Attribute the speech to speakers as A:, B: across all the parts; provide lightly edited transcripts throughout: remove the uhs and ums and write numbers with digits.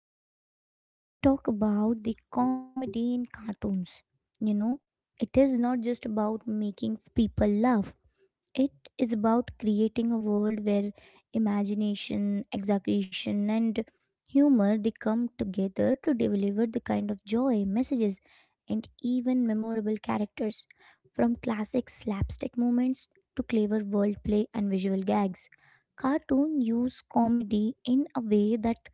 A: today we are going to talk about the comedy in cartoons. You know, it is not just about making people laugh. It is about creating a world where imagination, exaggeration, and humor they come together to deliver the kind of joy, messages, and even memorable characters. From classic slapstick moments to clever wordplay and visual gags, cartoon use comedy in a way that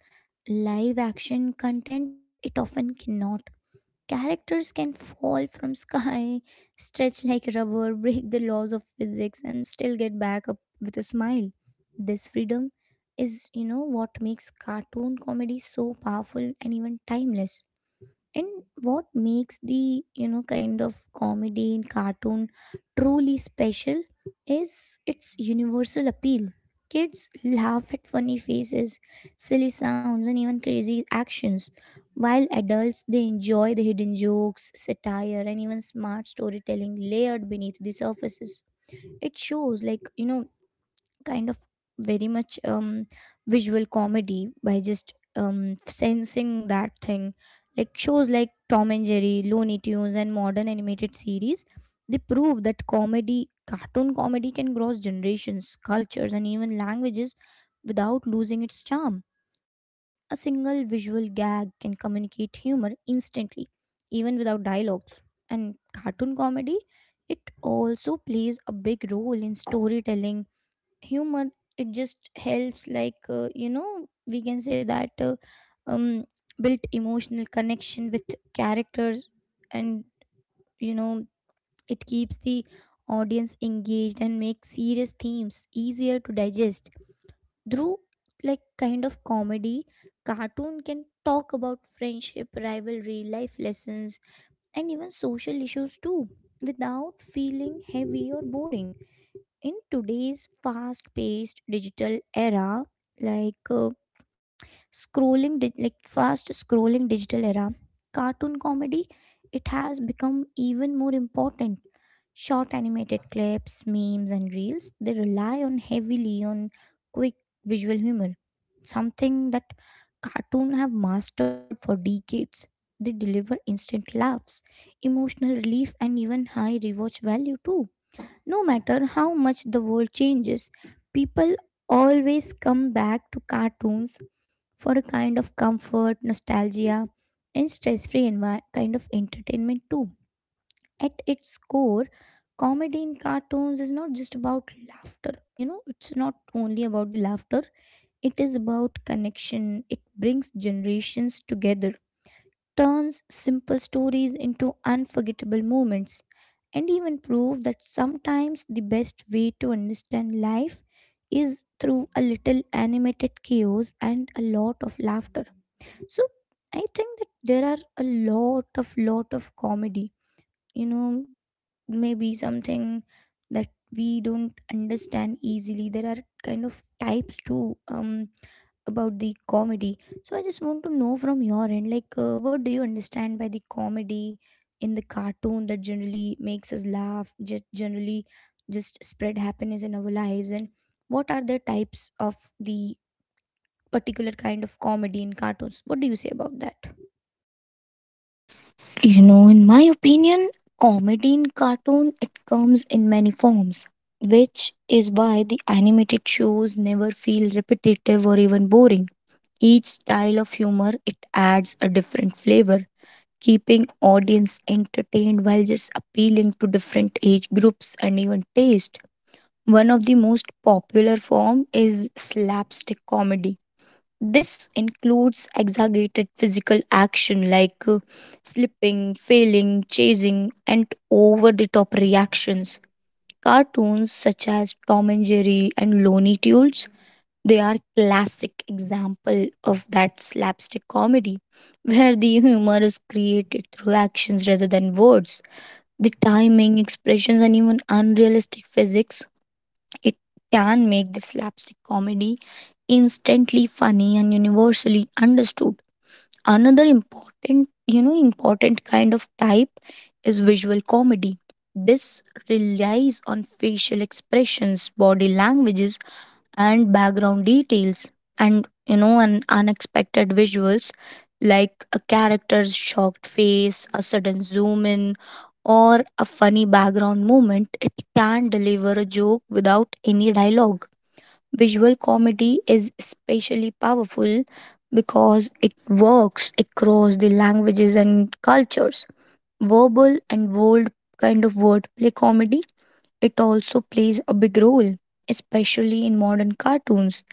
A: live action content it often cannot. Characters can fall from sky, stretch like rubber, break the laws of physics and still get back up with a smile. This freedom is, what makes cartoon comedy so powerful and even timeless, and what makes the kind of comedy in cartoon truly special is its universal appeal. Kids laugh at funny faces, silly sounds, and even crazy actions, while adults they enjoy the hidden jokes, satire, and even smart storytelling layered beneath the surfaces. It shows like kind of very much visual comedy by just sensing that thing. Like shows like Tom and Jerry, Looney Tunes, and modern animated series, they prove that comedy, cartoon comedy, can cross generations, cultures, and even languages without losing its charm. A single visual gag can communicate humor instantly, even without dialogues. And cartoon comedy, it also plays a big role in storytelling. Humor, it just helps like we can say that um built emotional connection with characters. And you know it keeps the audience engaged and makes serious themes easier to digest. Through like kind of comedy, cartoon can talk about friendship, rivalry, life lessons, and even social issues too, without feeling heavy or boring. In today's fast-paced digital era, like like fast scrolling digital era, cartoon comedy, it has become even more important. Short animated clips, memes, and reels, they rely on heavily on quick visual humor, something that cartoon have mastered for decades. They deliver instant laughs, emotional relief, and even high rewatch value too. No matter how much the world changes, people always come back to cartoons for a kind of comfort, nostalgia, and kind of entertainment too. At its core, comedy in cartoons is not just about laughter. You know, it's not only about the laughter, it is about connection. It brings generations together, turns simple stories into unforgettable moments, and even prove that sometimes the best way to understand life is through a little animated chaos and a lot of laughter. So I think that there are a lot of comedy. You know, maybe something that we don't understand easily. There are kind of types too. About the comedy. So I just want to know from your end, like, what do you understand by the comedy in the cartoon that generally makes us laugh, just generally just spread happiness in our lives, and what are the types of the particular kind of comedy in cartoons? What do you say about that?
B: You know, in my opinion, comedy in cartoon it comes in many forms, which is why the animated shows never feel repetitive or even boring. Each style of humor it adds a different flavor, keeping audience entertained while just appealing to different age groups and even taste. One of the most popular form is slapstick comedy. This includes exaggerated physical action like slipping, failing, chasing, and over the top reactions. Cartoons such as Tom and Jerry and Looney Tunes, they are classic example of that slapstick comedy where the humor is created through actions rather than words. The timing, expressions, and even unrealistic physics it can make the slapstick comedy instantly funny and universally understood. Another important kind of type is visual comedy. This relies on facial expressions, body languages, and background details, and you know and unexpected visuals like a character's shocked face, a sudden zoom in, or a funny background movement. It can deliver a joke without any dialogue. Visual comedy is especially powerful because it works across the languages and cultures. Verbal and bold kind of wordplay comedy, it also plays a big role, especially in modern cartoons.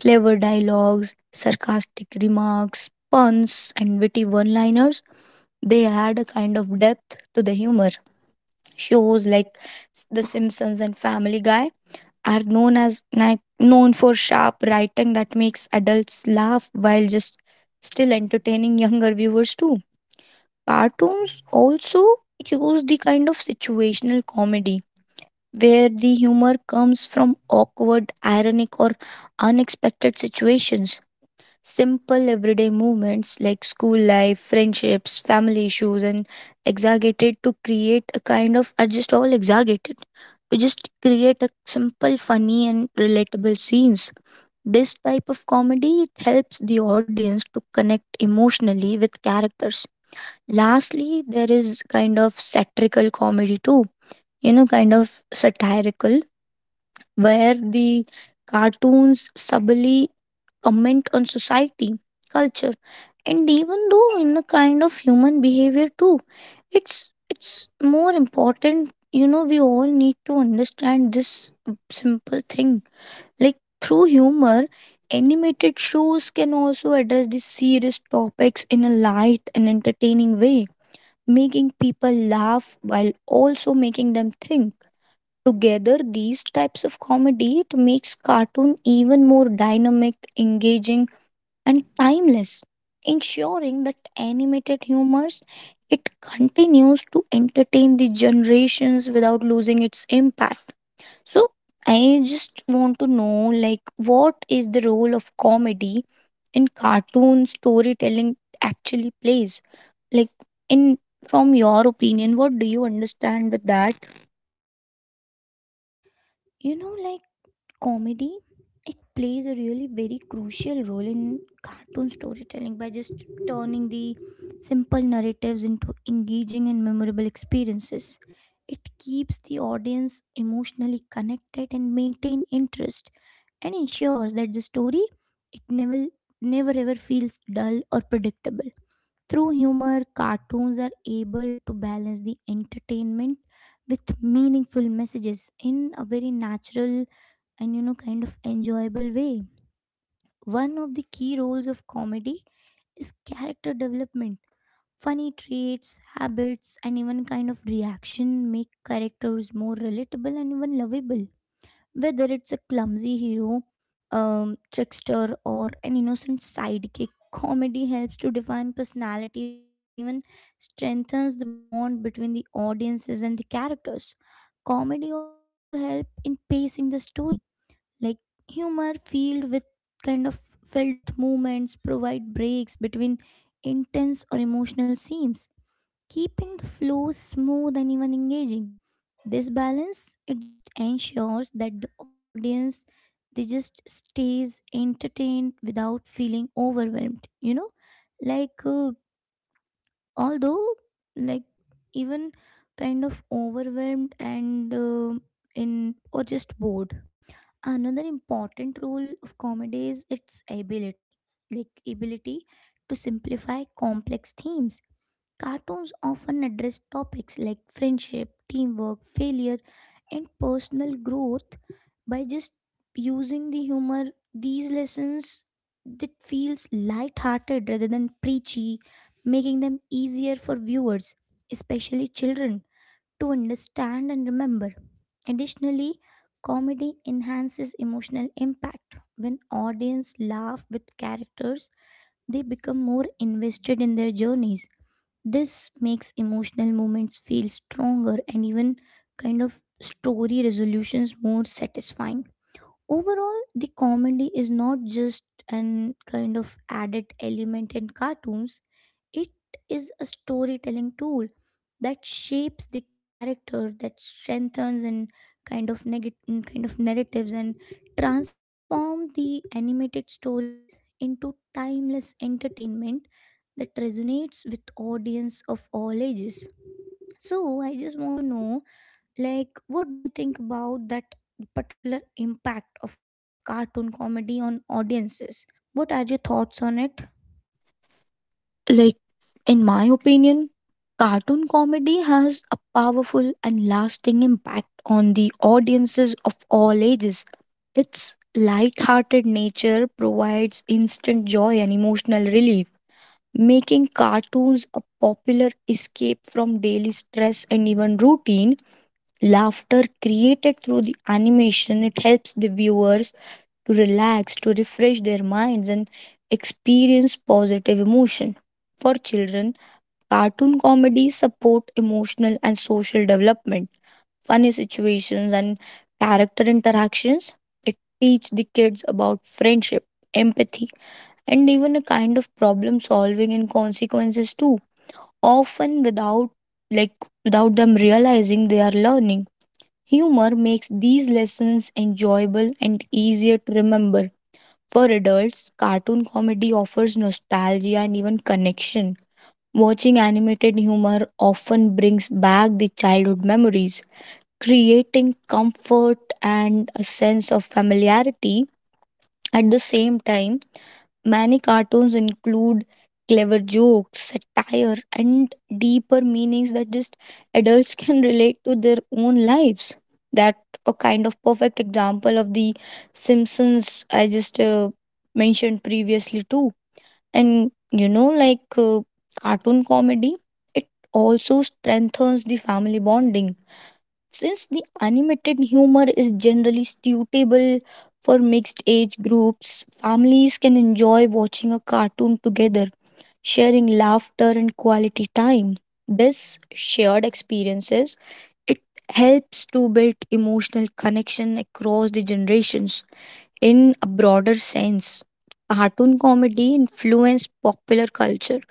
B: Clever dialogues, sarcastic remarks, puns, and witty one liners, they add a kind of depth to the humor. Shows like The Simpsons and Family Guy are known as known for sharp writing that makes adults laugh while just still entertaining younger viewers too. Cartoons also use the kind of situational comedy where the humor comes from awkward, ironic or unexpected situations. Simple everyday moments like school life, friendships, family issues, and exaggerated to create a kind of are just all exaggerated. To just create a simple, funny, and relatable scenes. This type of comedy it helps the audience to connect emotionally with characters. Lastly, there is kind of satirical comedy too. You know, kind of satirical where the cartoons subtly comment on society, culture, and even though in a kind of human behavior too. It's more important, you know, we all need to understand this simple thing. Like through humor, animated shows can also address these serious topics in a light and entertaining way, making people laugh while also making them think. Together, these types of comedy it makes cartoon even more dynamic, engaging, and timeless, ensuring that animated humors it continues to entertain the generations without losing its impact. So, I just want to know like what is the role of comedy in cartoon storytelling actually plays? Like in from your opinion, what do you understand with that?
A: You know, like comedy it plays a really very crucial role in cartoon storytelling by just turning the simple narratives into engaging and memorable experiences. It keeps the audience emotionally connected and maintain interest, and ensures that the story it never ever feels dull or predictable. Through humor, cartoons are able to balance the entertainment with meaningful messages in a very natural and kind of enjoyable way. One of the key roles of comedy is character development. Funny traits, habits, and even kind of reaction make characters more relatable and even lovable. Whether it's a clumsy hero, trickster, or an innocent sidekick, comedy helps to define personalities and even strengthens the bond between the audiences and the characters. Comedy also helps in pacing the story, like humor kind of filled with movements provide breaks between intense or emotional scenes, keeping the flow smooth and even engaging. This balance, it just ensures that the audience they just stays entertained without feeling overwhelmed, like although like even kind of overwhelmed and in or just bored. Another important role of comedy is its ability like ability to simplify complex themes. Cartoons often address topics like friendship, teamwork, failure, and personal growth. By just using the humor, these lessons that feels light-hearted rather than preachy, making them easier for viewers, especially children, to understand and remember. Additionally, comedy enhances emotional impact. When audience laugh with characters, they become more invested in their journeys. This makes emotional moments feel stronger and even kind of story resolutions more satisfying. Overall, the comedy is not just an kind of added element in cartoons, it is a storytelling tool that shapes the character, that strengthens and kind of negative kind of narratives and transform the animated stories into timeless entertainment that resonates with audience of all ages. So I just want to know, like, what do you think about that particular impact of cartoon comedy on audiences? What are your thoughts on it?
B: Like, in my opinion, cartoon comedy has a powerful and lasting impact on the audiences of all ages. Its light-hearted nature provides instant joy and emotional relief, making cartoons a popular escape from daily stress and even routine. Laughter created through the animation, it helps the viewers to relax, to refresh their minds and experience positive emotion. For children, cartoon comedies support emotional and social development. Funny situations and character interactions it teach the kids about friendship, empathy, and even a kind of problem solving and consequences too, often without, like, without them realizing they are learning. Humor makes these lessons enjoyable and easier to remember. For adults, cartoon comedy offers nostalgia and even connection. Watching animated humor often brings back the childhood memories, creating comfort and a sense of familiarity. At the same time, many cartoons include clever jokes, satire, and deeper meanings that just adults can relate to their own lives. That a kind of perfect example of the Simpsons I just mentioned previously too. And you know, like, cartoon comedy, it also strengthens the family bonding. Since the animated humor is generally suitable for mixed age groups, families can enjoy watching a cartoon together, sharing laughter and quality time. This shared experiences it helps to build emotional connection across the generations. In a broader sense, cartoon comedy influenced popular culture.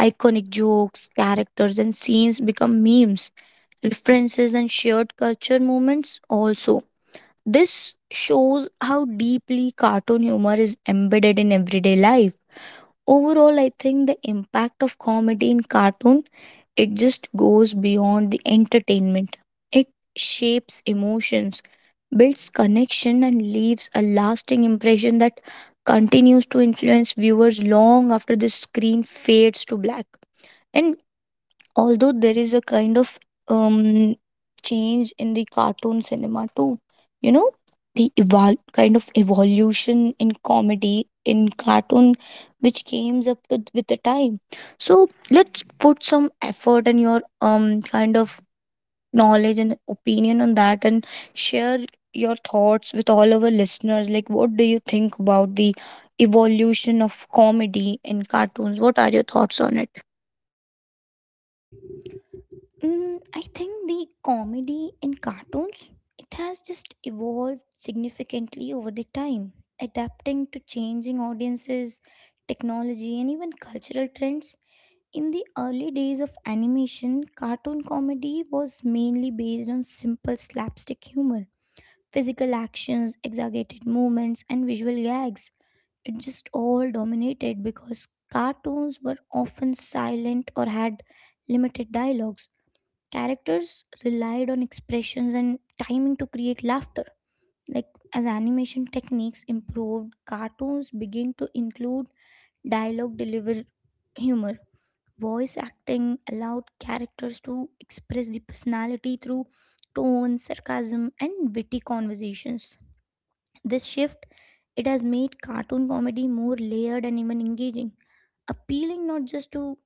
B: Iconic jokes, characters, and scenes become memes, references, and shared culture moments also. This shows how deeply cartoon humor is embedded in everyday life. Overall, I think the impact of comedy in cartoon it just goes beyond the entertainment. It shapes emotions, builds connection and leaves a lasting impression that continues to influence viewers long after the screen fades to black. And although there is a kind of um, change in the cartoon cinema too, you know, the kind of evolution in comedy in cartoon which came up with the time. So let's put some effort and your kind of knowledge and opinion on that and share your thoughts with all our listeners. Like, what do you think about the evolution of comedy in cartoons? What are your thoughts on it?
A: Mm, I think the comedy in cartoons it has just evolved significantly over the time, adapting to changing audiences, technology, and even cultural trends. In the early days of animation, cartoon comedy was mainly based on simple slapstick humor, physical actions, exaggerated movements, and visual gags. It just all dominated because cartoons were often silent or had limited dialogues. Characters relied on expressions and timing to create laughter. Like as animation techniques improved, cartoons began to include dialogue delivered humor. Voice acting allowed characters to express the personality through tone, sarcasm, and witty conversations. This shift, it has made cartoon comedy more layered and even engaging, appealing not just to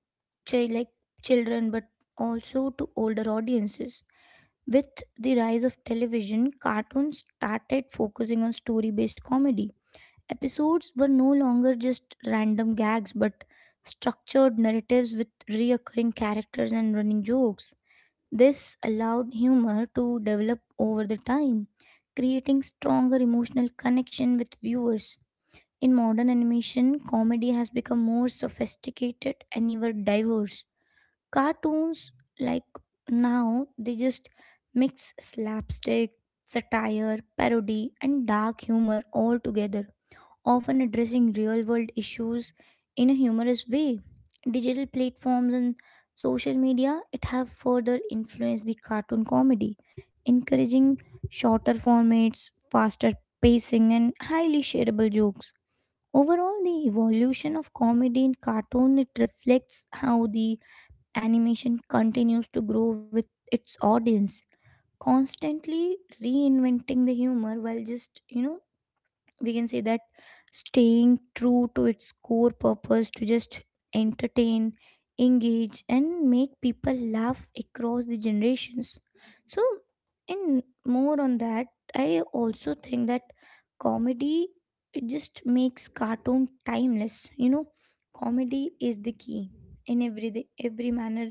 A: child like children but also to older audiences. With the rise of television, cartoons started focusing on story based comedy. Episodes were no longer just random gags but structured narratives with reoccurring characters and running jokes. This allowed humor to develop over the time, creating stronger emotional connection with viewers. In modern animation, comedy has become more sophisticated and even diverse. Cartoons, like now, they just mix slapstick, satire, parody, and dark humor all together, often addressing real world issues in a humorous way. Digital platforms and social media it have further influenced the cartoon comedy, encouraging shorter formats, faster pacing, and highly shareable jokes. Overall, the evolution of comedy in cartoon it reflects how the animation continues to grow with its audience, constantly reinventing the humor while just, we can say that staying true to its core purpose, to just entertain, engage, and make people laugh across the generations. So in more on that, I also think that comedy it just makes cartoon timeless. You know, comedy is the key in every manner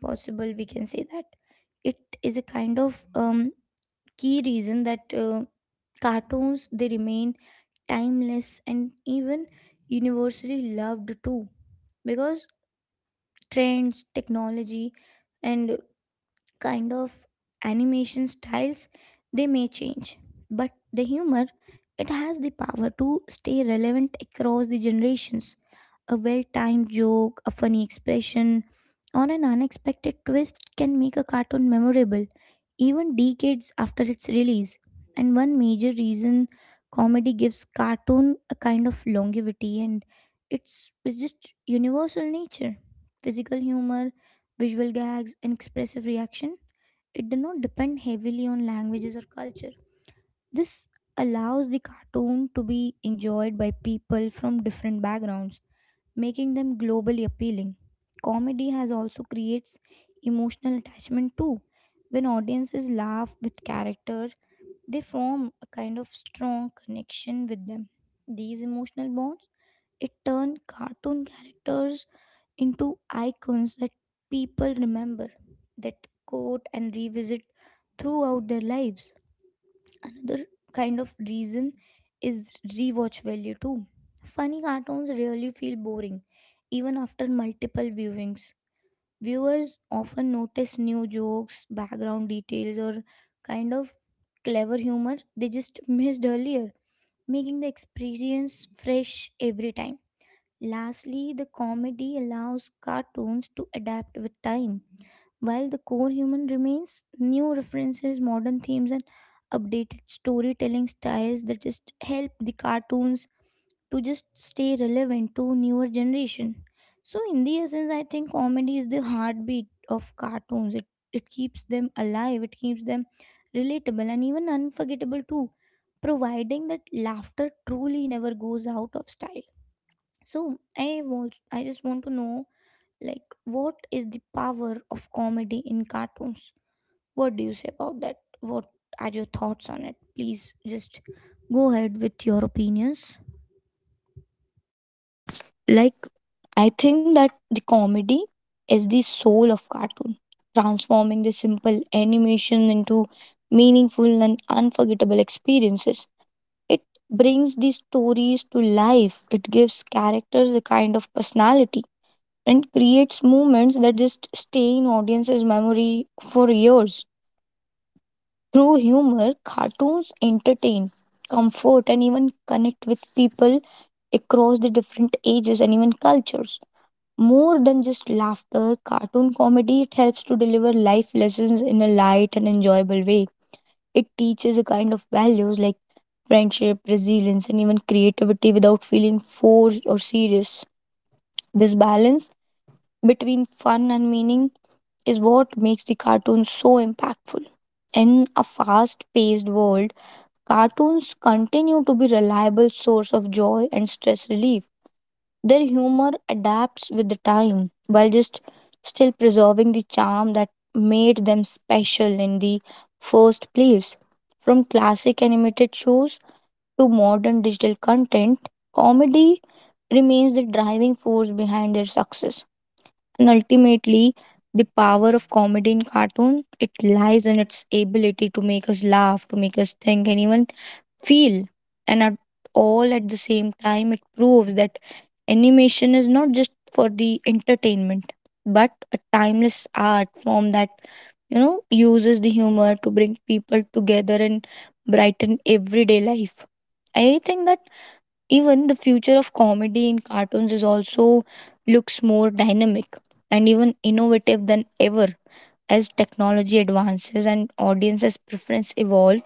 A: possible, we can say that. It is a kind of key reason that cartoons they remain timeless and even universally loved too, because trends, technology, and kind of animation styles, they may change, but the humor it has the power to stay relevant across the generations. A well timed joke, a funny expression, or an unexpected twist can make a cartoon memorable even decades after its release. And one major reason comedy gives cartoon a kind of longevity and it's just universal nature. Physical humor, visual gags, and expressive reaction, it does not depend heavily on languages or culture. This allows the cartoon to be enjoyed by people from different backgrounds, making them globally appealing. Comedy has also creates emotional attachment too. When audiences laugh with character, they form a kind of strong connection with them. These emotional bonds it turn cartoon characters into icons that people remember, that quote and revisit throughout their lives. Another kind of reason is rewatch value too. Funny cartoons rarely feel boring, even after multiple viewings. Viewers often notice new jokes, background details, or kind of clever humor they just missed earlier, making the experience fresh every time. Lastly, the comedy allows cartoons to adapt with time while the core human remains, new references, modern themes, and updated storytelling styles that just help the cartoons to just stay relevant to newer generation. So in the essence, I think comedy is the heartbeat of cartoons. It keeps them alive. It keeps them relatable and even unforgettable too, providing that laughter truly never goes out of style. So I just want to know, like, what is the power of comedy in cartoons? What do you say about that? What are your thoughts on it? Please just go ahead with your opinions.
B: Like I think that the comedy is the soul of cartoon, transforming the simple animation into meaningful and unforgettable experiences. It brings these stories to life. It gives characters a kind of personality and creates moments that just stay in audiences' memory for years. Through humor, cartoons entertain, comfort, and even connect with people across the different ages and even cultures. More than just laughter, cartoon comedy it helps to deliver life lessons in a light and enjoyable way. It teaches a kind of values like friendship, resilience, and even creativity without feeling forced or serious. This balance between fun and meaning is what makes the cartoon so impactful. In a fast paced world, cartoons continue to be reliable source of joy and stress relief. Their humor adapts with the time while just still preserving the charm that made them special in the first place. From classic animated shows to modern digital content, comedy remains the driving force behind their success. And ultimately, the power of comedy in cartoon, it lies in its ability to make us laugh, to make us think, and even feel. And at all at the same time, it proves that animation is not just for the entertainment, but a timeless art form that, you know, uses the humor to bring people together and brighten everyday life. I think that even the future of comedy in cartoons is also looks more dynamic and even innovative than ever. As technology advances and audiences' preference evolve,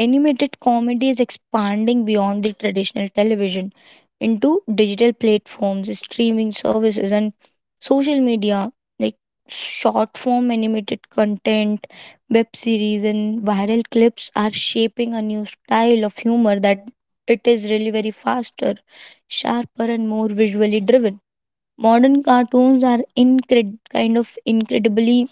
B: animated comedy is expanding beyond the traditional television into digital platforms, streaming services, and social media, like short form animated content. Web series and viral clips are shaping a new style of humor that it is really very faster, sharper, and more visually driven. Modern cartoons are kind of incredibly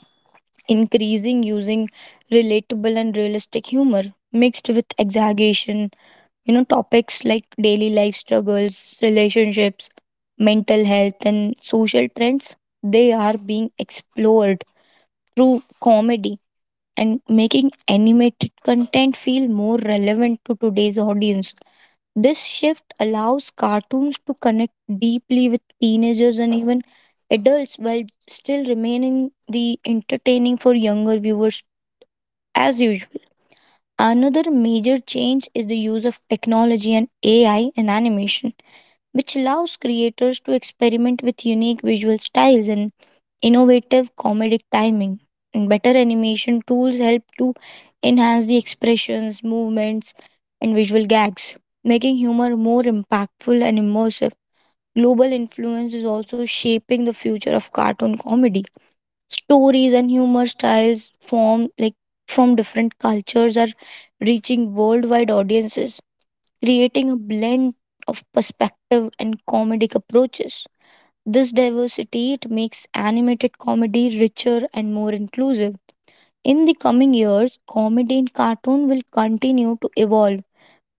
B: increasing using relatable and realistic humor mixed with exaggeration. You know, topics like daily life struggles, relationships, mental health, and social trends, they are being explored through comedy and making animated content feel more relevant to today's audience. This shift allows cartoons to connect deeply with teenagers and even adults while still remaining the entertaining for younger viewers as usual. Another major change is the use of technology and AI in animation which allows creators to experiment with unique visual styles and innovative comedic timing. And better animation tools help to enhance the expressions, movements, and visual gags, making humor more impactful and immersive. Global influence is also shaping the future of cartoon comedy. Stories and humor styles form like from different cultures are reaching worldwide audiences creating a blend of perspective and comedic approaches. This diversity it makes animated comedy richer and more inclusive. In the coming years, comedy in cartoon will continue to evolve,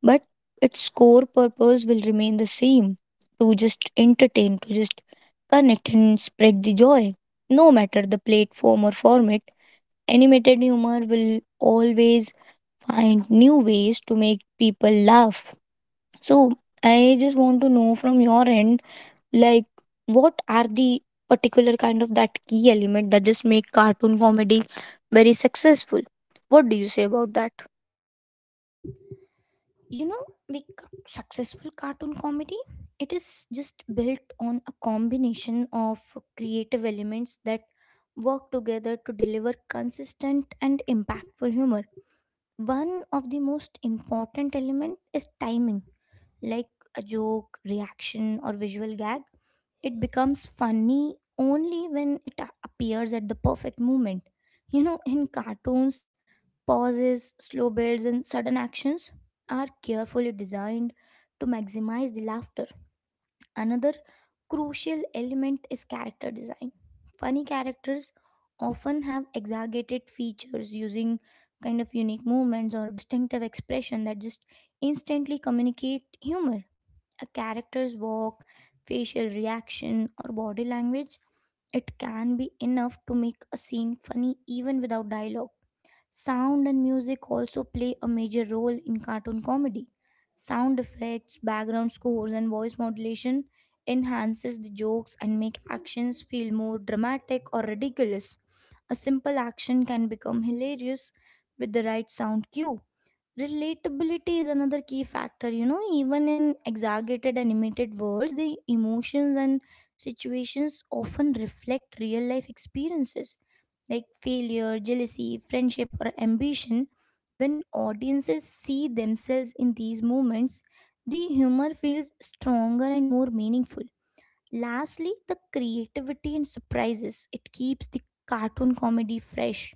B: but its core purpose will remain the same, to just entertain, to just connect and spread the joy. No matter the platform or format, animated humor will always find new ways to make people laugh. So I just want to know from your end, like what are the particular kind of that key element that just make cartoon comedy very successful? What do you say about that?
A: You know, the successful cartoon comedy, it is just built on a combination of creative elements that work together to deliver consistent and impactful humor. One of the most important element is timing, like a joke, reaction, or visual gag. It becomes funny only when it appears at the perfect moment. You know, in cartoons, pauses, slow builds, and sudden actions are carefully designed to maximize the laughter. Another crucial element is character design. Funny characters often have exaggerated features using kind of unique movements or distinctive expression that just instantly communicate humor. A character's walk, facial reaction, or body language it can be enough to make a scene funny even without dialogue. Sound and music also play a major role in cartoon comedy. Sound effects, background scores, and voice modulation enhances the jokes and make actions feel more dramatic or ridiculous. A simple action can become hilarious with the right sound cue. Relatability is another key factor, you know, even in exaggerated animated worlds, the emotions and situations often reflect real life experiences like failure, jealousy, friendship, or ambition. When audiences see themselves in these moments, the humor feels stronger and more meaningful. Lastly, the creativity and surprises. It keeps the cartoon comedy fresh.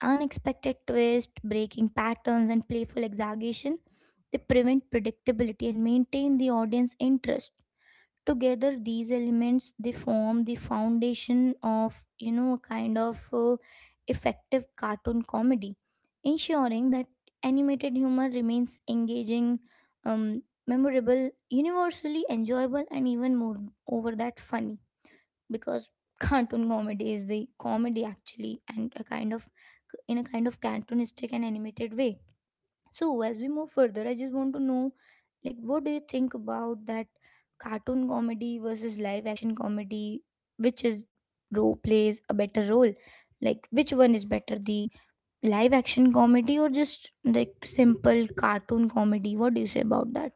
A: Unexpected twists, breaking patterns, and playful exaggeration, they prevent predictability and maintain the audience interest. Together, these elements they form the foundation of a kind of effective cartoon comedy, ensuring that animated humor remains engaging, memorable, universally enjoyable, and even more over that funny because cartoon comedy is the comedy actually and a kind of in a kind of cartoonistic and animated way. So as we move further, I just want to know like what do you think about that, cartoon comedy versus live action comedy? Which is, role plays a better role, like which one is better, the live action comedy or just like simple cartoon comedy? What do you say about that?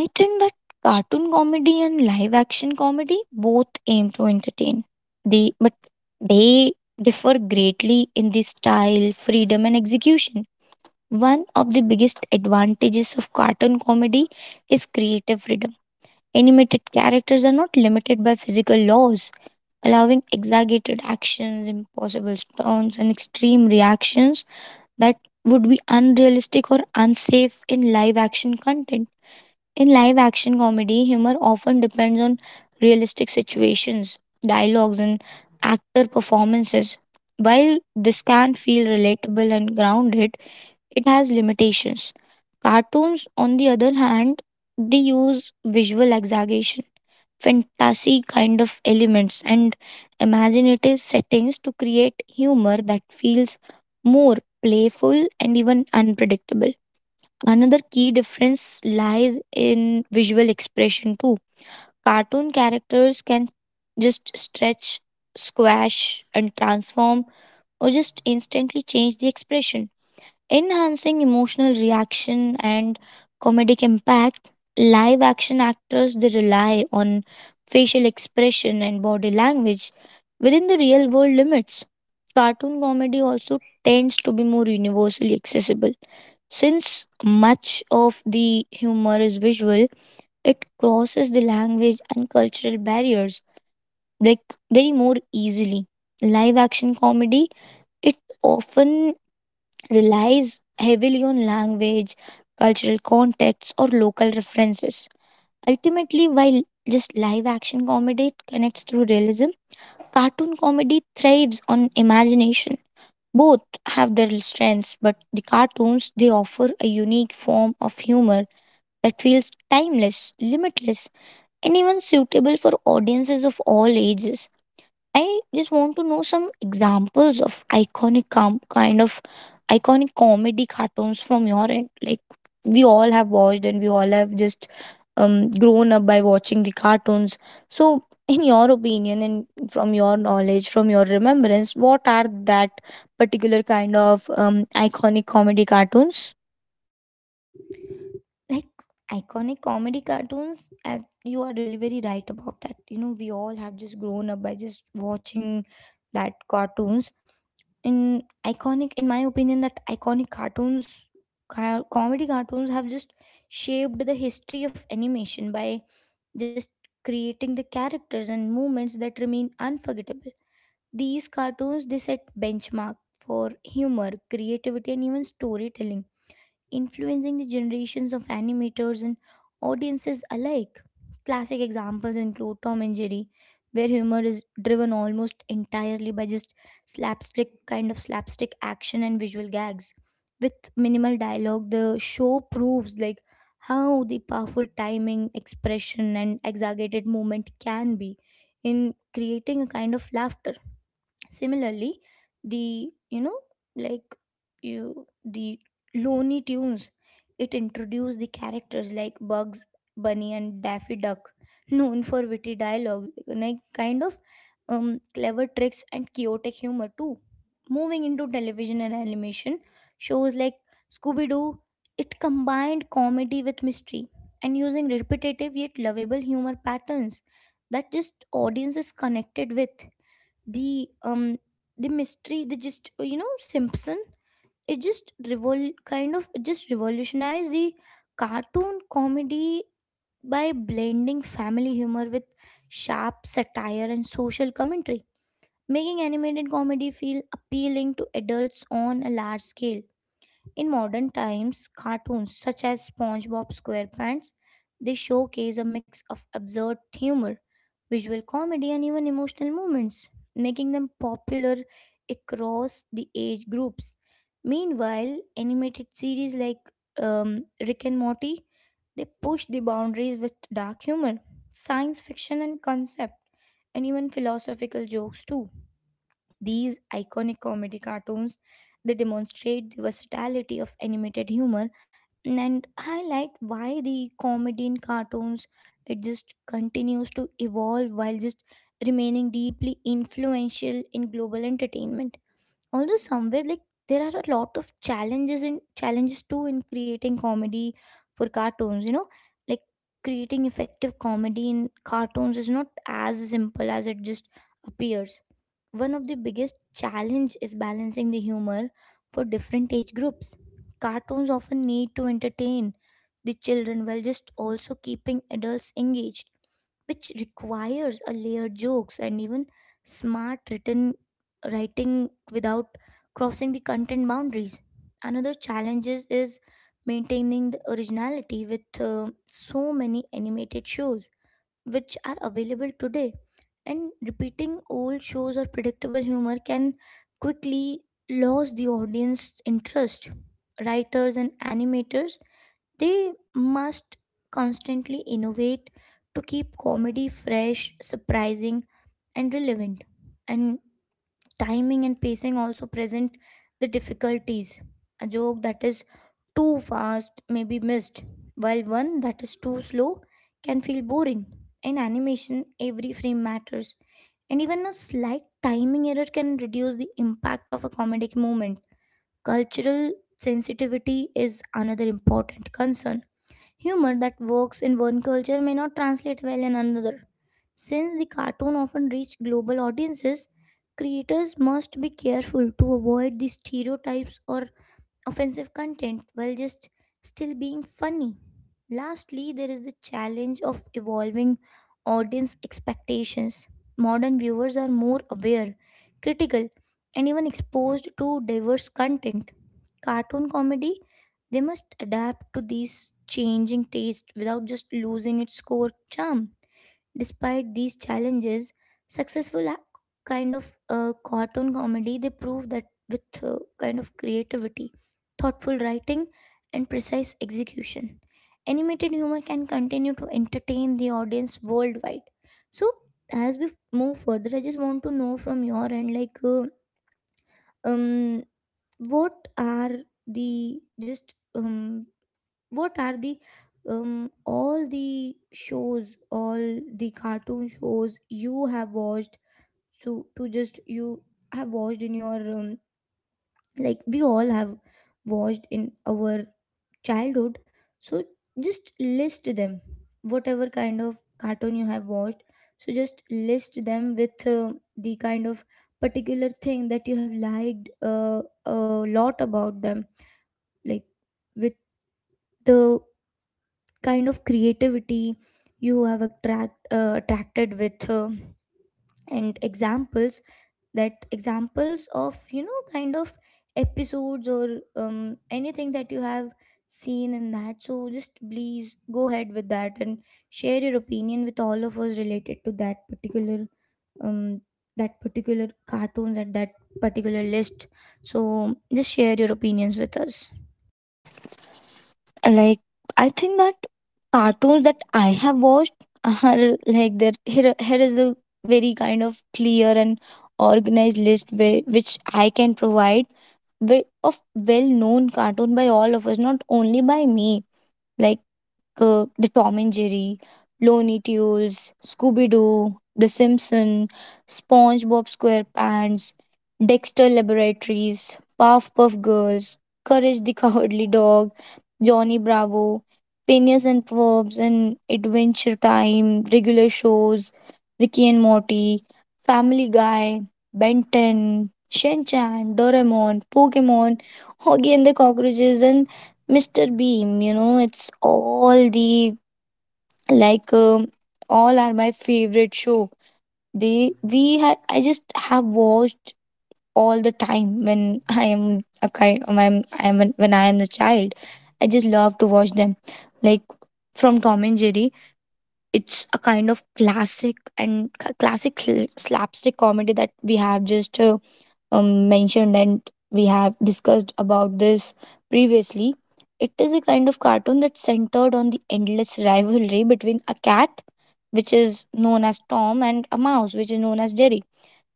B: I think that cartoon comedy and live action comedy both aim to entertain. They but they differ greatly in the style, freedom and execution. One of the biggest advantages of cartoon comedy is creative freedom. Animated characters are not limited by physical laws, allowing exaggerated actions, impossible stunts, and extreme reactions that would be unrealistic or unsafe in live action content. In live action comedy, humor often depends on realistic situations, dialogues, and actor performances. While this can feel relatable and grounded, it has limitations. Cartoons, on the other hand, they use visual exaggeration, fantasy kind of elements and imaginative settings to create humor that feels more playful and even unpredictable. Another key difference lies in visual expression too. Cartoon characters can just stretch, squash, and transform, or just instantly change the expression enhancing emotional reaction and comedic impact. Live action actors they rely on facial expression and body language within the real world limits. Cartoon comedy also tends to be more universally accessible. Since much of the humor is visual, it crosses the language and cultural barriers like very more easily. Live action comedy, it often relies heavily on language, cultural context, or local references. Ultimately, while just live action comedy connects through realism, cartoon comedy thrives on imagination. Both have their strengths, but the cartoons they offer a unique form of humor that feels timeless, limitless, and even suitable for audiences of all ages. I just want to know some examples of iconic iconic comedy cartoons from your end. Like, we all have watched and we all have just grown up by watching the cartoons. So, in your opinion and from your knowledge, from your remembrance, what are that particular kind of iconic comedy cartoons?
A: Like iconic comedy cartoons, as you are really very right about that, you know, we all have just grown up by just watching that cartoons. In iconic, in my opinion, that iconic cartoons comedy cartoons have just shaped the history of animation by just creating the characters and moments that remain unforgettable. These cartoons they set benchmark for humor, creativity, and even storytelling, influencing the generations of animators and audiences alike. Classic examples include Tom and Jerry, where humor is driven almost entirely by just slapstick, kind of slapstick action and visual gags. With minimal dialogue, the show proves like how the powerful timing, expression, and exaggerated movement can be in creating a kind of laughter. Similarly, the you know like you the Looney Tunes, it introduced the characters like Bugs Bunny and Daffy Duck, known for witty dialogue, like kind of clever tricks and chaotic humor too. Moving into television and animation, shows like Scooby Doo, it combined comedy with mystery and using repetitive yet lovable humor patterns that just audiences connected with. The um the mystery, the just you know, Simpson, it just revol kind of it just revolutionized the cartoon comedy by blending family humor with sharp satire and social commentary, making animated comedy feel appealing to adults on a large scale. In modern times, cartoons such as SpongeBob SquarePants, they showcase a mix of absurd humor, visual comedy, and even emotional moments, making them popular across the age groups. Meanwhile, animated series like Rick and Morty, they push the boundaries with dark humor, science fiction and concept, and even philosophical jokes too. These iconic comedy cartoons they demonstrate the versatility of animated humor and highlight why the comedy in cartoons, it just continues to evolve while just remaining deeply influential in global entertainment. Although somewhere like there are a lot of challenges too in creating comedy for cartoons, you know, like creating effective comedy in cartoons is not as simple as it just appears. One of the biggest challenge is balancing the humor for different age groups. Cartoons often need to entertain the children while just also keeping adults engaged, which requires a layered jokes and even smart written writing without crossing the content boundaries. Another challenge is maintaining the originality with so many animated shows which are available today. And repeating old shows or predictable humor can quickly lose the audience interest. Writers and animators they must constantly innovate to keep comedy fresh, surprising, and relevant. And timing and pacing also present the difficulties. A joke that is too fast may be missed, while one that is too slow can feel boring. In animation, every frame matters, and even a slight timing error can reduce the impact of a comedic moment. Cultural sensitivity is another important concern. Humor that works in one culture may not translate well in another. Since the cartoon often reached global audiences, creators must be careful to avoid the stereotypes or offensive content while just still being funny. Lastly, there is the challenge of evolving audience expectations. Modern viewers are more aware, critical, and even exposed to diverse content. Cartoon comedy, they must adapt to these changing tastes without just losing its core charm. Despite these challenges, successful cartoon comedy they prove that with kind of creativity, thoughtful writing, and precise execution, animated humor can continue to entertain the audience worldwide. So, as we move further, I just want to know from your end, like, um, what are the just um the all the shows all the cartoon shows you have watched, so to just you have watched in your like we all have watched in our childhood, so just list them, whatever kind of cartoon you have watched, so just list them with the kind of particular thing that you have liked a lot about them, like with the kind of creativity you have attracted with and examples, that examples of you know kind of episodes or anything that you have seen in that. So just please go ahead with that and share your opinion with all of us related to um that particular cartoons and that particular list. So just share your opinions with us.
B: Like, I think that cartoons that I have watched are like there. Here is a very kind of clear and organized list where, which I can provide of well known cartoon by all of us, not only by me. Like, like, the Tom and Jerry, Looney Tunes, Scooby Doo, The Simpson, SpongeBob SquarePants, Dexter Laboratories, Puff Girls, Courage the Cowardly Dog, Johnny Bravo, Phineas and Ferb's and Adventure Time, regular shows, Ricky and Morty, Family Guy, Ben 10, Shin Chan, Doraemon, Pokemon, Hoggy and the Cockroaches, and Mr. Beam, you know, it's all the like um, all are my favorite show. They we had I just have watched all the time when I am a kind when I'm, I am when I am a child. I just love to watch them, like from Tom and Jerry. It's a kind of classic and classic slapstick comedy that we have just mentioned and we have discussed about this previously. It is a kind of cartoon that's centered on the endless rivalry between a cat, which is known as Tom, and a mouse, which is known as Jerry.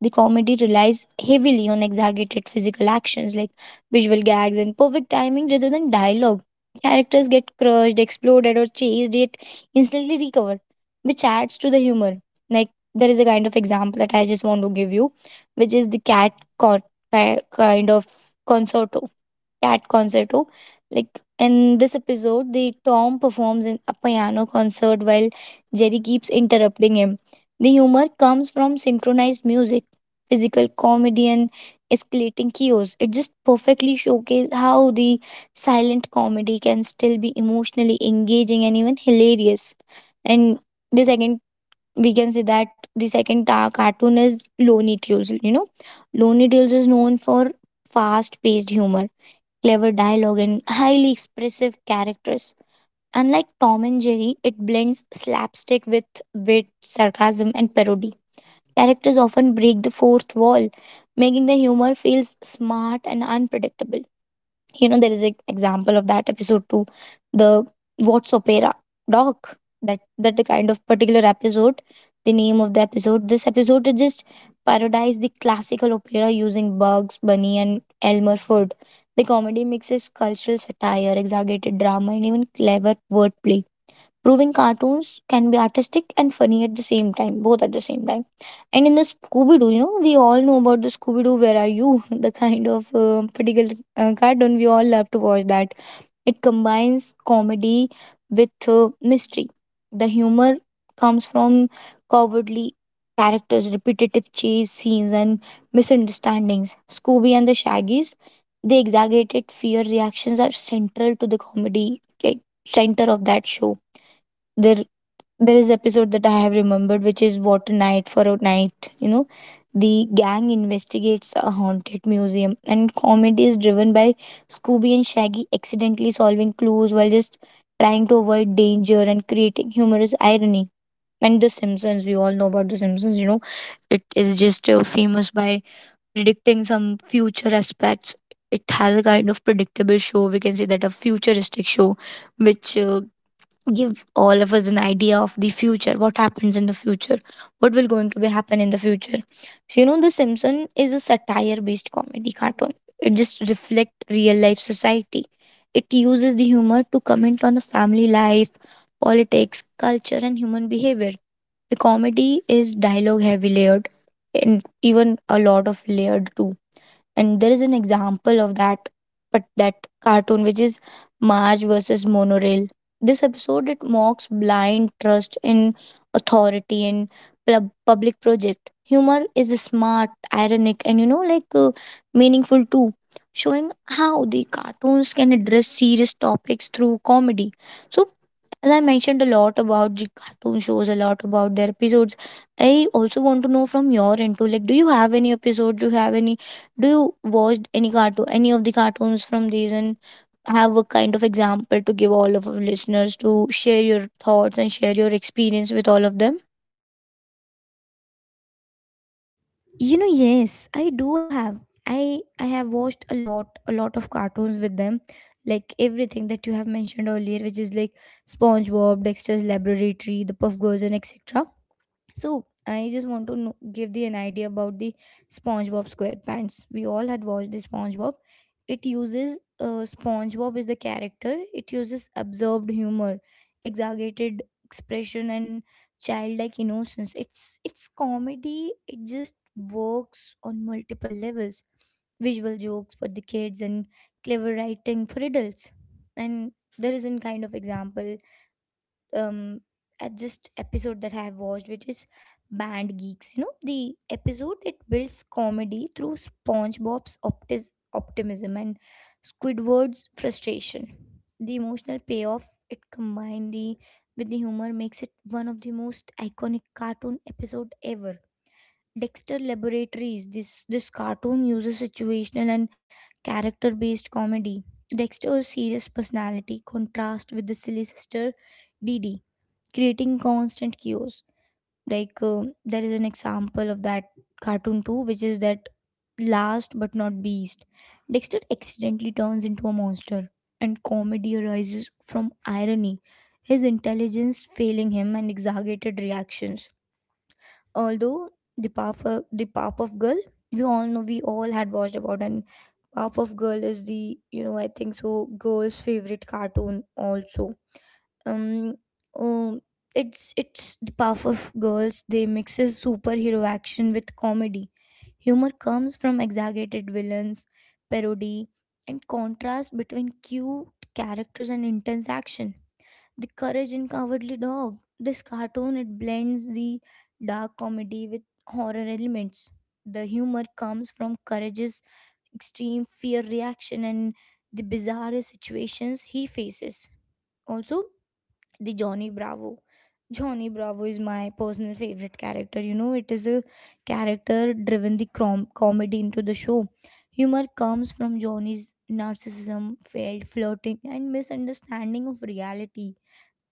B: The comedy relies heavily on exaggerated physical actions like visual gags and perfect timing rather than dialogue. Characters get crushed, exploded, or chased, yet instantly recover, which adds to the humor. Like, there is a kind of example that I just want to give you, which is the cat con- ki- kind of Concerto. Cat Concerto. Like, in this episode, the Tom performs in a piano concert while Jerry keeps interrupting him. The humor comes from synchronized music, physical comedy and escalating chaos. It just perfectly showcases how the silent comedy can still be emotionally engaging and even hilarious. And the second, we can say that the second cartoon is Looney Tunes. You know, Looney Tunes is known for fast-paced humor, clever dialogue, and highly expressive characters. Unlike Tom and Jerry, it blends slapstick with wit, sarcasm, and parody. Characters often break the fourth wall, making the humor feels smart and unpredictable. You know, there is an example of that episode too, the What's Opera Doc. That the kind of particular episode, the name of the episode. This episode it just parodies the classical opera using Bugs Bunny and Elmer Fudd. The comedy mixes cultural satire, exaggerated drama, and even clever wordplay, proving cartoons can be artistic and funny at the same time, both at the same time. And in the Scooby Doo, you know, we all know about the Scooby Doo, Where Are You? The kind of particular cartoon we all love to watch that. It combines comedy with mystery. The humor comes from cowardly characters, repetitive chase scenes, and misunderstandings. Scooby and the Shaggies, the exaggerated fear reactions are central to the comedy, like, center of that show. There there is episode that I have remembered, which is "What a Night for a Night." You know, the gang investigates a haunted museum, and comedy is driven by Scooby and Shaggy accidentally solving clues while just trying to avoid danger and creating humorous irony. And The Simpsons, we all know about The Simpsons. You know, it is just famous by predicting some future aspects. It has a kind of predictable show. We can say that a futuristic show, which give all of us an idea of the future, what happens in the future, what will going to be happen in the future. So, you know, the Simpson is a satire based comedy cartoon. It just reflect real life society. It uses the humor to comment on the family life, politics, culture, and human behavior. The comedy is dialogue heavy, layered, and even a lot of layered too. And there is an example of that, but that cartoon which is Marge versus Monorail. This episode it mocks blind trust in authority and public project. Humor is smart, ironic, and you know meaningful too, showing how the cartoons can address serious topics through comedy. So as I mentioned a lot about the cartoon shows, a lot about their episodes. I also want to know from your end too. Like, do you have any episodes? Do you have any do you watch any cartoon, any of the cartoons from these, and have a kind of example to give all of our listeners to share your thoughts and share your experience with all of them?
A: You know, yes, I do have. I have watched a lot of cartoons with them, like everything that you have mentioned earlier, which is like SpongeBob, Dexter's Laboratory, The Puff Girls, and etc. So I just want to know, give the an idea about the SpongeBob SquarePants. We all had watched the SpongeBob. It uses SpongeBob is the character. It uses absorbed humor, exaggerated expression, and childlike innocence. It's comedy. It just works on multiple levels. Visual jokes for the kids and clever writing for adults. And there is a kind of example, um at just episode that I have watched, which is Band Geeks. You know, the episode it builds comedy through SpongeBob's optimism and Squidward's frustration. The emotional payoff it combined the with the humor makes it one of the most iconic cartoon episode ever. Dexter Laboratories. This cartoon uses situational and character based comedy. Dexter's serious personality contrasts with the silly sister Dee Dee, creating constant chaos. Like there is an example of that cartoon too, which is that last but not beast. Dexter accidentally turns into a monster, and comedy arises from irony, his intelligence failing him, and exaggerated reactions. Although the Powerpuff Girl, we all had watched about, and Powerpuff Girl is the, you know, I think so girl's favorite cartoon also, um oh, it's the puff of girls, they mixes superhero action with comedy. Humor comes from exaggerated villains, parody, and contrast between cute characters and intense action. The courage in cowardly dog, this cartoon it blends the dark comedy with horror elements. The humor comes from courage's extreme fear reaction and the bizarre situations he faces. Also the Johnny Bravo. Johnny Bravo is my personal favorite character. You know, it is a character driven the comedy into the show. Humor comes from Johnny's narcissism, failed flirting, and misunderstanding of reality.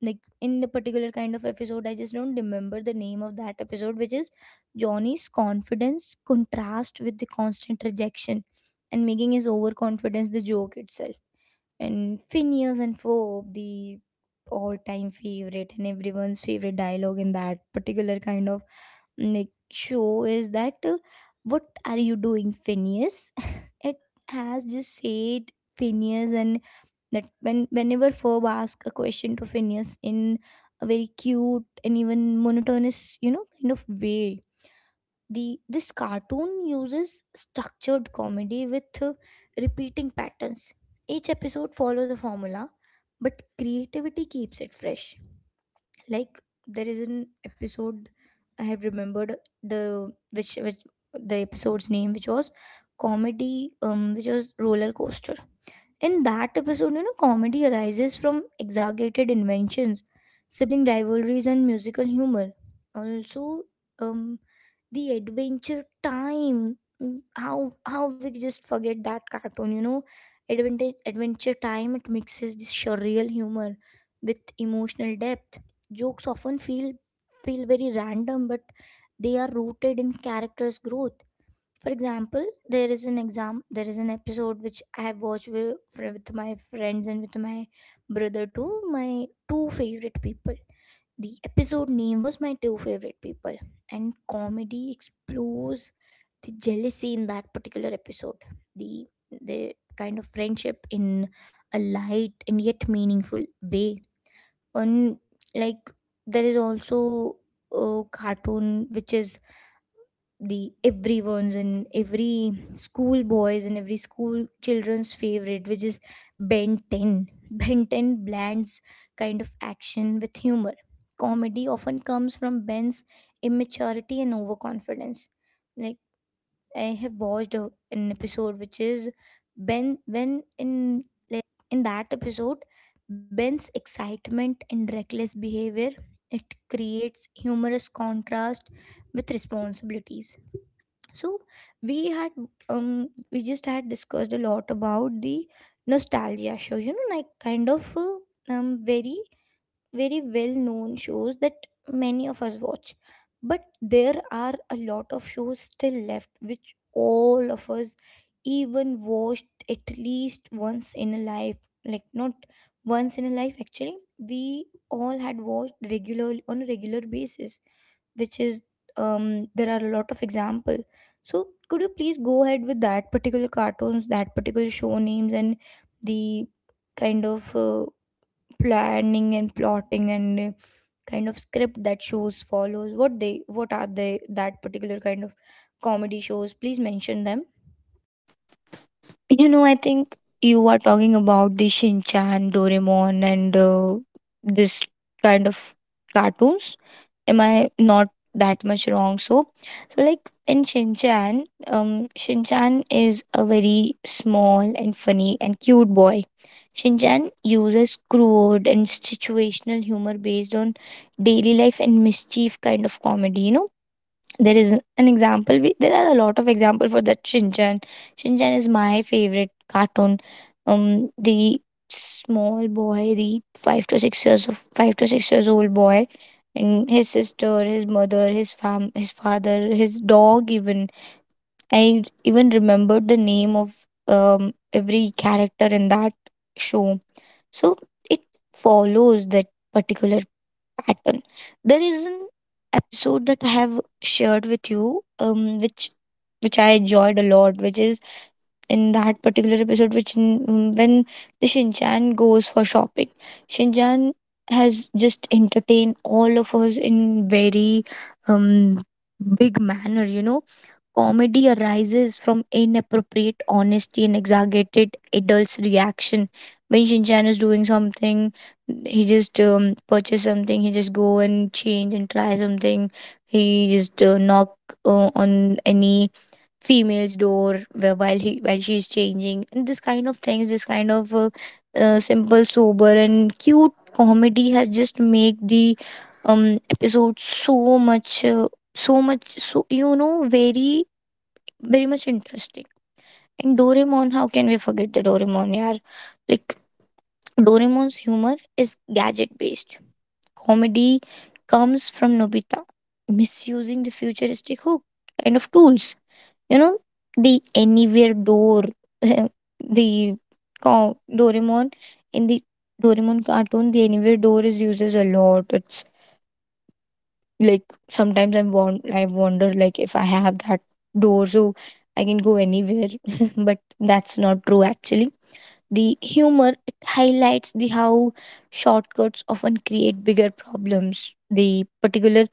A: Like in the particular kind of episode, I just don't remember the name of that episode, which is Johnny's confidence contrast with the constant rejection and making his overconfidence the joke itself. And Phineas and Ferb, the all-time favorite, and everyone's favorite dialogue in that particular kind of like show is that, what are you doing, Phineas? it has just said Phineas and that when whenever Ferb asks a question to Phineas in a very cute and even monotonous, you know, kind of way, the this cartoon uses structured comedy with repeating patterns. Each episode follows a formula but creativity keeps it fresh. Like, there is an episode I have remembered, the which which the episode's name, which was comedy, which was Roller Coaster. In that episode, you know, comedy arises from exaggerated inventions, sibling rivalries and musical humor. Also, um the Adventure Time. How we just forget that cartoon, you know. Adventure Time, it mixes this surreal humor with emotional depth. Jokes often feel very random but they are rooted in characters growth. For example, there is an episode which I have watched with, my friends and with my brother too, my two favorite people. The episode name was My Two Favorite People, and comedy explores the jealousy in that particular episode. The kind of friendship in a light and yet meaningful way. On, like, there is also a cartoon which is the everyone's and every school boys and every school children's favorite, which is Ben 10. Ben 10 blends kind of action with humor. Comedy often comes from Ben's immaturity and overconfidence. Like, I have watched an episode which is Ben when in, like, in that episode Ben's excitement and reckless behavior, it creates humorous contrast with responsibilities. So we had, we just had discussed a lot about the nostalgia show, you know, like kind of very, very well known shows that many of us watch. But there are a lot of shows still left which all of us even watched at least once in a life. Like, not once in a life, actually we all had watched regularly on a regular basis, which is, there are a lot of example. So could you please go ahead with that particular cartoons, that particular show names, and the kind of planning and plotting and kind of script that shows follows? What they, what are they? That particular kind of comedy shows. Please mention them.
B: You know, I think you are talking about the Shinchan, Doraemon, and this kind of cartoons. Am I not that much wrong? So, so like in Shinchan, Shinchan is a very small and funny and cute boy. Shinchan uses crude and situational humor based on daily life and mischief kind of comedy. You know, there is an example we, there are a lot of example for that Shinchan. Shinchan is my favorite cartoon. The small boy, the 5 to 6 years of 5 to 6 years old boy, and his sister, his mother, his fam his father, his dog even. I even remembered the name of um every character in that show. So it follows that particular pattern. There is an episode that I have shared with you, which I enjoyed a lot, which is in that particular episode which when the Shinchan goes for shopping. Shinchan has just entertained all of us in very um big manner, you know. Comedy arises from inappropriate honesty and exaggerated adults' reaction. When Shinchan is doing something, he just purchase something, he just go and change and try something. He just knock on any female's door while he while she is changing. And this kind of things, this kind of simple, sober, and cute comedy has just make the um episode so much so much so, you know, very very much interesting. And Doraemon, how can we forget the Doraemon, yaar? Like, Doraemon's humor is gadget based. Comedy comes from Nobita misusing the futuristic hook kind of tools. You know, the anywhere door, the Doraemon, in the Doraemon cartoon, the anywhere door is uses a lot. It's like sometimes I wonder like if I have that door, so I can go anywhere. But that's not true actually. The humor it highlights the how shortcuts often create bigger problems. The particular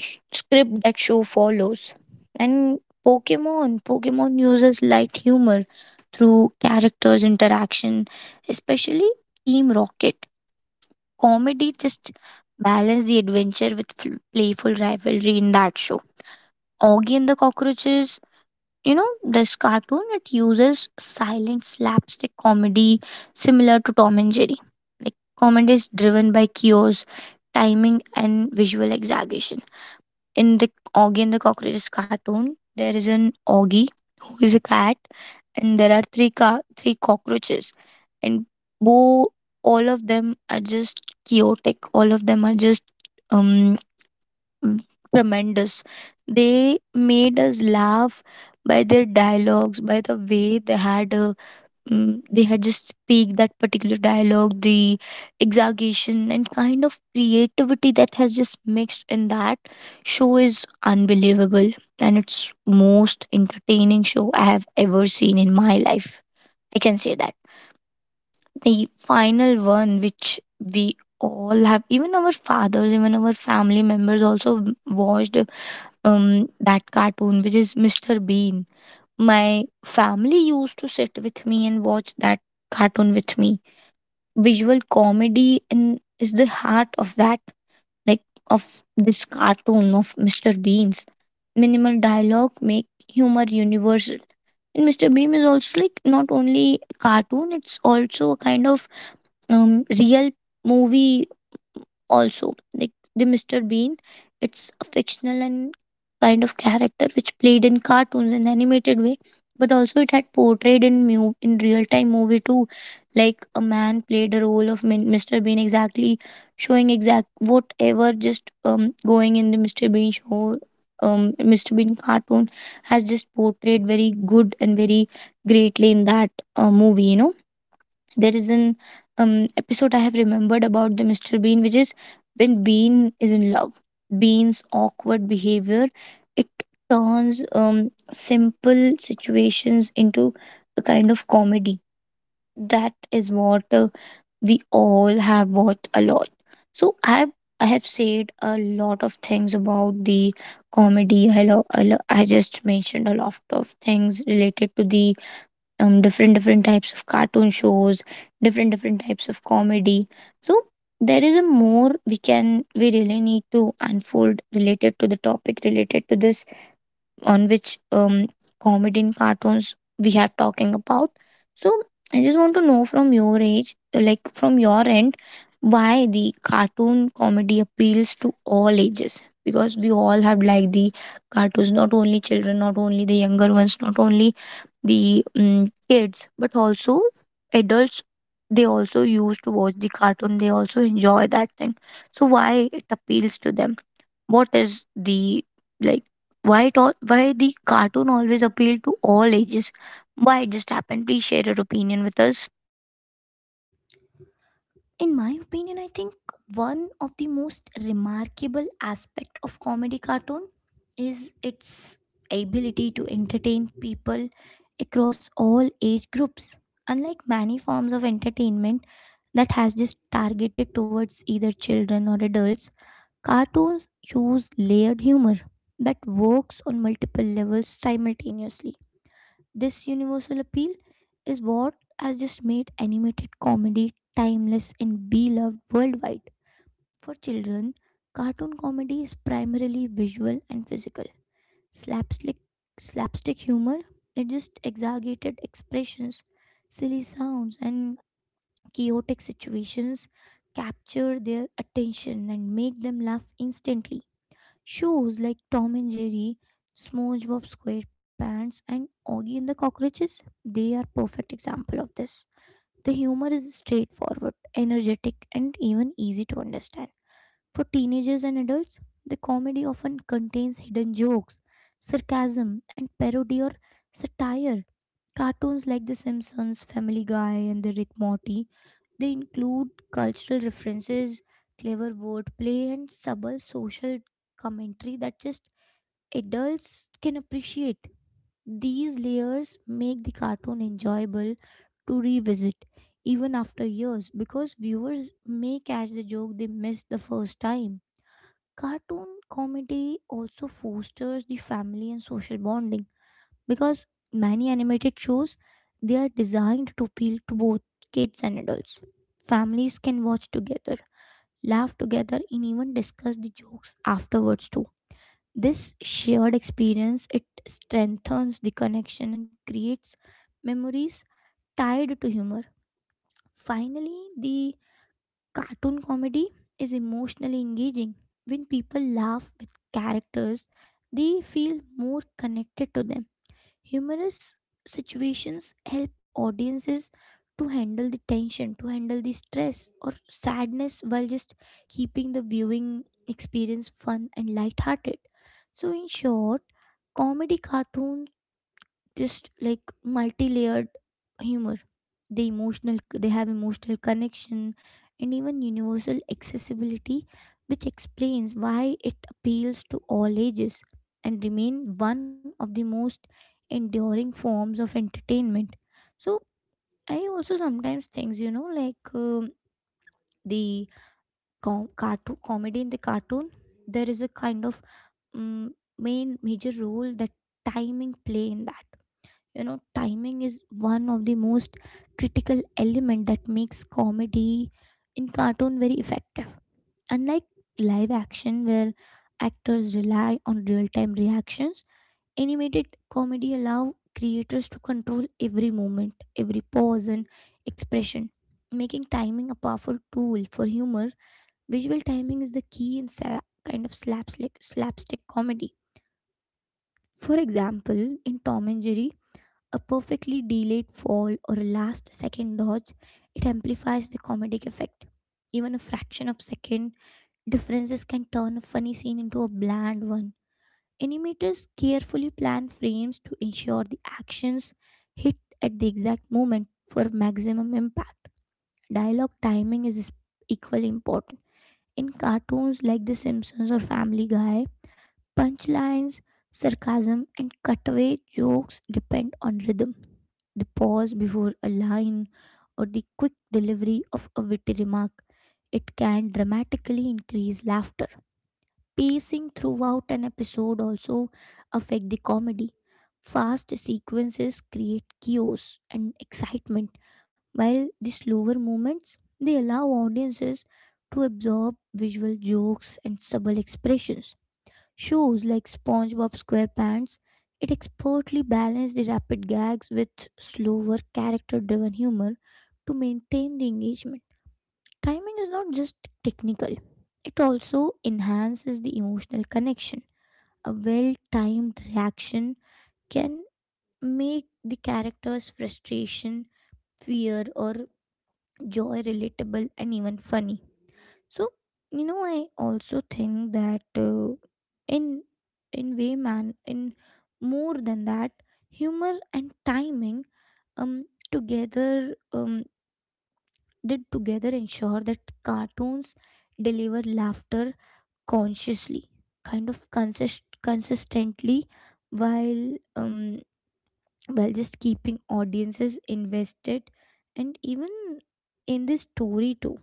B: script that show follows. And Pokemon, Pokemon uses light humor through characters' interaction, especially Team Rocket. Comedy just balance the adventure with playful rivalry in that show. Augie and the Cockroaches, you know, this cartoon it uses silent slapstick comedy similar to Tom and Jerry. Like, comedy is driven by chaos, timing, and visual exaggeration. In the Oggy and the Cockroaches cartoon, there is an Oggy who is a cat, and there are three cockroaches, and bo- all of them are just chaotic. All of them are just um tremendous. They made us laugh by their dialogues, by the way they had a Mm, they had just speak that particular dialogue. The exaggeration and kind of creativity that has just mixed in that show is unbelievable, and it's most entertaining show I have ever seen in my life. I can say that. The final one which we all have, even our fathers, even our family members also watched, that cartoon which is Mr. Bean. My family used to sit with me and watch that cartoon with me. Visual comedy in is the heart of that, like of this cartoon of Mr. Beans. Minimal dialogue make humor universal. And Mr. Bean is also like not only a cartoon, it's also a kind of real movie also. Like, the Mr. Bean, it's a fictional and kind of character which played in cartoons and animated way, but also it had portrayed in in real time movie too. Like a man played a role of Mr. Bean exactly, showing exact whatever just going in the Mr. Bean show. Mr. Bean cartoon has just portrayed very good and very greatly in that movie, you know. There is an episode I have remembered about the Mr. Bean, which is when Bean is in love. Bean's awkward behavior it turns simple situations into a kind of comedy. That is what we all have watched a lot. So I have said a lot of things about the comedy. I just mentioned a lot of things related to the different types of cartoon shows, different types of comedy, so there is a more we really need to unfold related to the topic, related to this, on which comedy in cartoons we have talking about. So I just want to know from your age, like from your end, why the cartoon comedy appeals to all ages, because we all have liked the cartoons, not only children, not only the younger ones, not only the kids, but also adults. They also used to watch the cartoon. They also enjoy that thing. So why it appeals to them? What is the, like, why it all why the cartoon always appeal to all ages, why it just happened? Please share your opinion with us.
A: In my opinion, I think one of the most remarkable aspect of comedy cartoon is its ability to entertain people across all age groups. Unlike many forms of entertainment that has just targeted towards either children or adults, cartoons use layered humor that works on multiple levels simultaneously. This universal appeal is what has just made animated comedy timeless and beloved worldwide. For children, cartoon comedy is primarily visual and physical. Slapstick, slapstick humor, it just exaggerated expressions, silly sounds, and chaotic situations capture their attention and make them laugh instantly. Shows like Tom and Jerry, SpongeBob SquarePants, and Oggy and the Cockroaches, they are perfect example of this. The humor is straightforward, energetic, and even easy to understand. For teenagers and adults, the comedy often contains hidden jokes, sarcasm, and parody or satire. Cartoons like The Simpsons, Family Guy, and The Rick Morty, they include cultural references, clever wordplay, and subtle social commentary that just adults can appreciate. These layers make the cartoon enjoyable to revisit even after years because viewers may catch the joke they missed the first time. Cartoon comedy also fosters the family and social bonding because many animated shows, they are designed to appeal to both kids and adults. Families can watch together, laugh together and even discuss the jokes afterwards too. This shared experience, it strengthens the connection and creates memories tied to humor. Finally, the cartoon comedy is emotionally engaging. When people laugh with characters, they feel more connected to them. Humorous situations help audiences to handle the tension, to handle the stress or sadness while just keeping the viewing experience fun and light-hearted. So, in short, comedy cartoons just like multi-layered humor, the emotional, they have emotional connection and even universal accessibility, which explains why it appeals to all ages and remain one of the most enduring forms of entertainment. So I also sometimes think, you know, like, the cartoon comedy in the cartoon, there is a kind of main major role that timing play in that. You know, timing is one of the most critical element that makes comedy in cartoon very effective. Unlike live action where actors rely on real time reactions, animated comedy allow creators to control every moment, every pause and expression, making timing a powerful tool for humor. Visual timing is the key in kind of slapstick comedy. For example, in Tom and Jerry, a perfectly delayed fall or a last second dodge, it amplifies the comedic effect. Even a fraction of second differences can turn a funny scene into a bland one. Animators carefully plan frames to ensure the actions hit at the exact moment for maximum impact. Dialogue timing is equally important. In cartoons like The Simpsons or Family Guy, punchlines, sarcasm, and cutaway jokes depend on rhythm. The pause before a line or the quick delivery of a witty remark, it can dramatically increase laughter. Pacing throughout an episode also affect the comedy. Fast sequences create chaos and excitement, while the slower moments, they allow audiences to absorb visual jokes and subtle expressions. Shows like SpongeBob SquarePants, it expertly balanced the rapid gags with slower character driven humor to maintain the engagement. Timing is not just technical, it also enhances the emotional connection. A well timed reaction can make the character's frustration, fear, or joy relatable and even funny. So, you know, I also think that in in way man, in more than that, humor and timing um together did together ensure that cartoons deliver laughter consciously, kind of consistently, while um while just keeping audiences invested and even in the story too.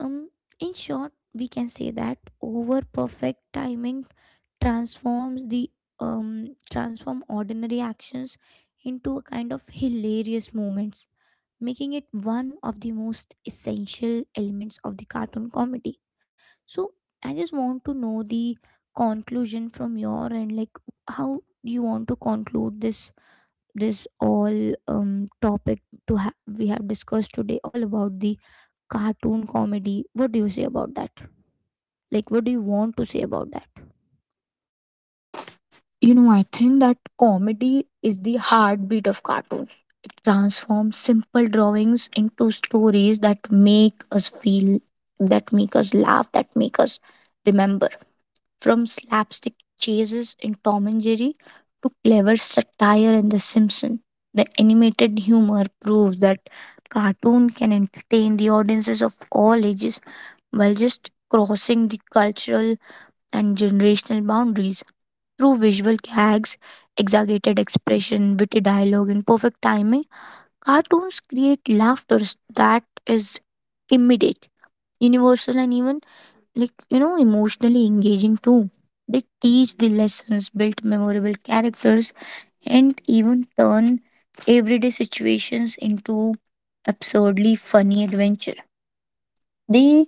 A: um, in short, we can say that over perfect timing transforms the um transform ordinary actions into a kind of hilarious moments, making it one of the most essential elements of the cartoon comedy. So I just want to know the conclusion from your end, like how you want to conclude this, this all, topic to we have discussed today all about the cartoon comedy. What do you say about that? Like, what do you want to say about that?
B: You know, I think that comedy is the heartbeat of cartoons. It transforms simple drawings into stories that make us feel, that make us laugh, that make us remember. From slapstick chases in Tom and Jerry to clever satire in The Simpsons, the animated humor proves that cartoon can entertain the audiences of all ages while just crossing the cultural and generational boundaries. Through visual gags, exaggerated expression, witty dialogue, and perfect timing, cartoons create laughter that is immediate, universal, and even, like, you know, emotionally engaging too. They teach the lessons, build memorable characters, and even turn everyday situations into absurdly funny adventure. They,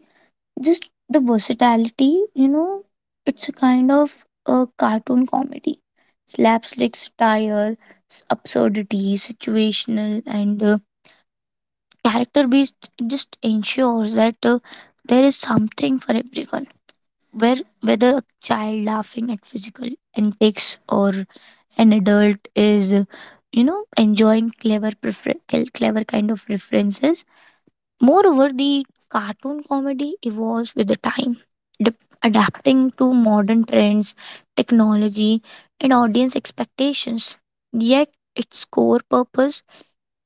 B: just the versatility, you know, it's a kind of a cartoon comedy: slapstick, satire, absurdity, situational, and character based. It just ensures that there is something for everyone, where whether a child laughing at physical antics or an adult is, you know, enjoying clever kind of references. Moreover, the cartoon comedy evolves with the time, dep- adapting to modern trends, technology, and audience expectations. Yet its core purpose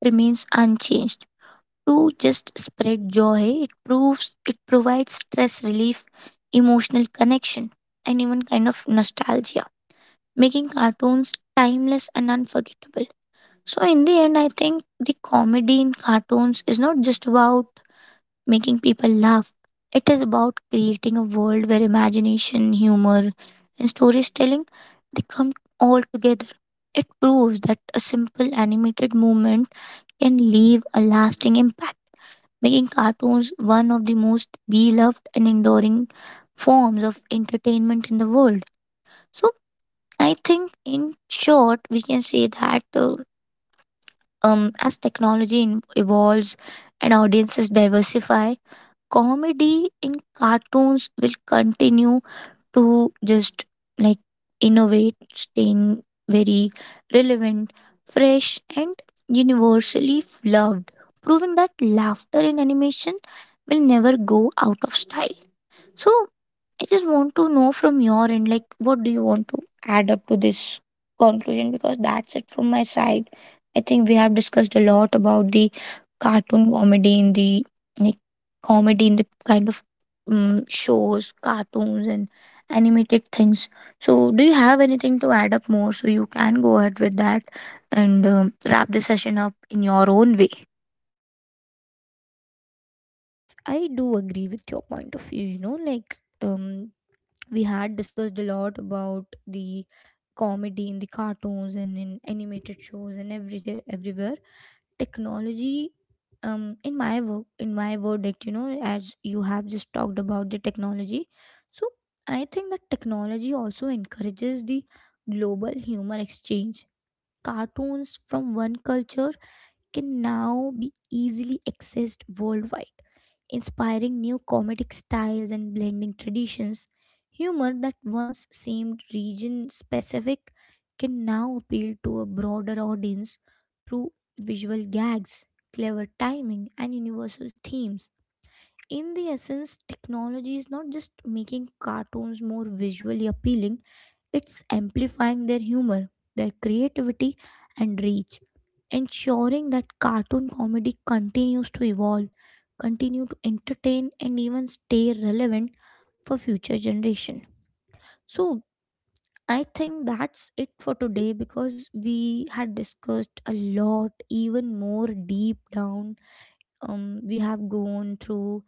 B: remains unchanged: to just spread joy. It provides stress relief, emotional connection, and even kind of nostalgia, making cartoons timeless and unforgettable. So in the end, I think the comedy in cartoons is not just about making people laugh. It is about creating a world where imagination, humor, and storytelling, they come all together. It proves that a simple animated movement can leave a lasting impact, making cartoons one of the most beloved and enduring forms of entertainment in the world. So, I think in short, we can say that as technology evolves and audiences diversify, comedy in cartoons will continue to just, like, innovate, staying very relevant, fresh, and universally loved, proving that laughter in animation will never go out of style. So I just want to know from your end, like, what do you want to add up to this conclusion? Because that's it from my side. I think we have discussed a lot about the cartoon comedy in the, like, comedy in the kind of shows, cartoons, and animated things. So, do you have anything to add up more? So you can go ahead with that and wrap the session up in your own way.
A: Yes, yes, I do agree with your point of view, you know, like, we had discussed a lot about the comedy in the cartoons and in animated shows and everywhere technology. In my work, in my verdict, you know, as you have just talked about the technology, so I think that technology also encourages the global humor exchange. Cartoons from one culture can now be easily accessed worldwide, inspiring new comedic styles and blending traditions. Humor that once seemed region specific can now appeal to a broader audience through visual gags, clever timing, and universal themes. In the essence, technology is not just making cartoons more visually appealing, it's amplifying their humor, their creativity, and reach, ensuring that cartoon comedy continues to evolve, continue to entertain, and even stay relevant for future generation. So I think that's it for today because we had discussed a lot, even more deep down. We have gone through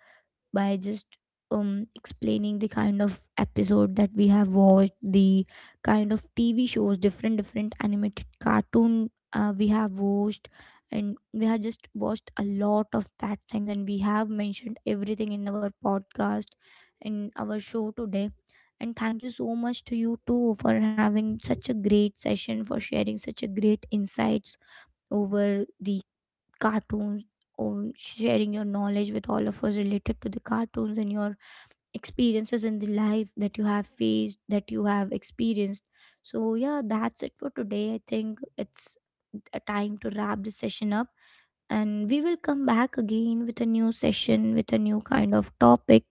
A: by just explaining the kind of episode that we have watched, the kind of TV shows, different different animated cartoon we have watched, and we have just watched a lot of that things, and we have mentioned everything in our podcast, in our show today. And thank you so much to you too for having such a great session, for sharing such a great insights over the cartoons or sharing your knowledge with all of us related to the cartoons and your experiences in the life that you have faced, that you have experienced. So yeah, that's it for today. I think it's a time to wrap this session up, and we will come back again with a new session with a new kind of topic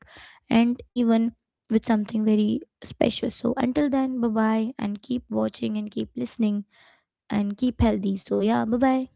A: and even with something very special. So until then, bye bye, and keep watching and keep listening and keep healthy. So yeah, bye bye.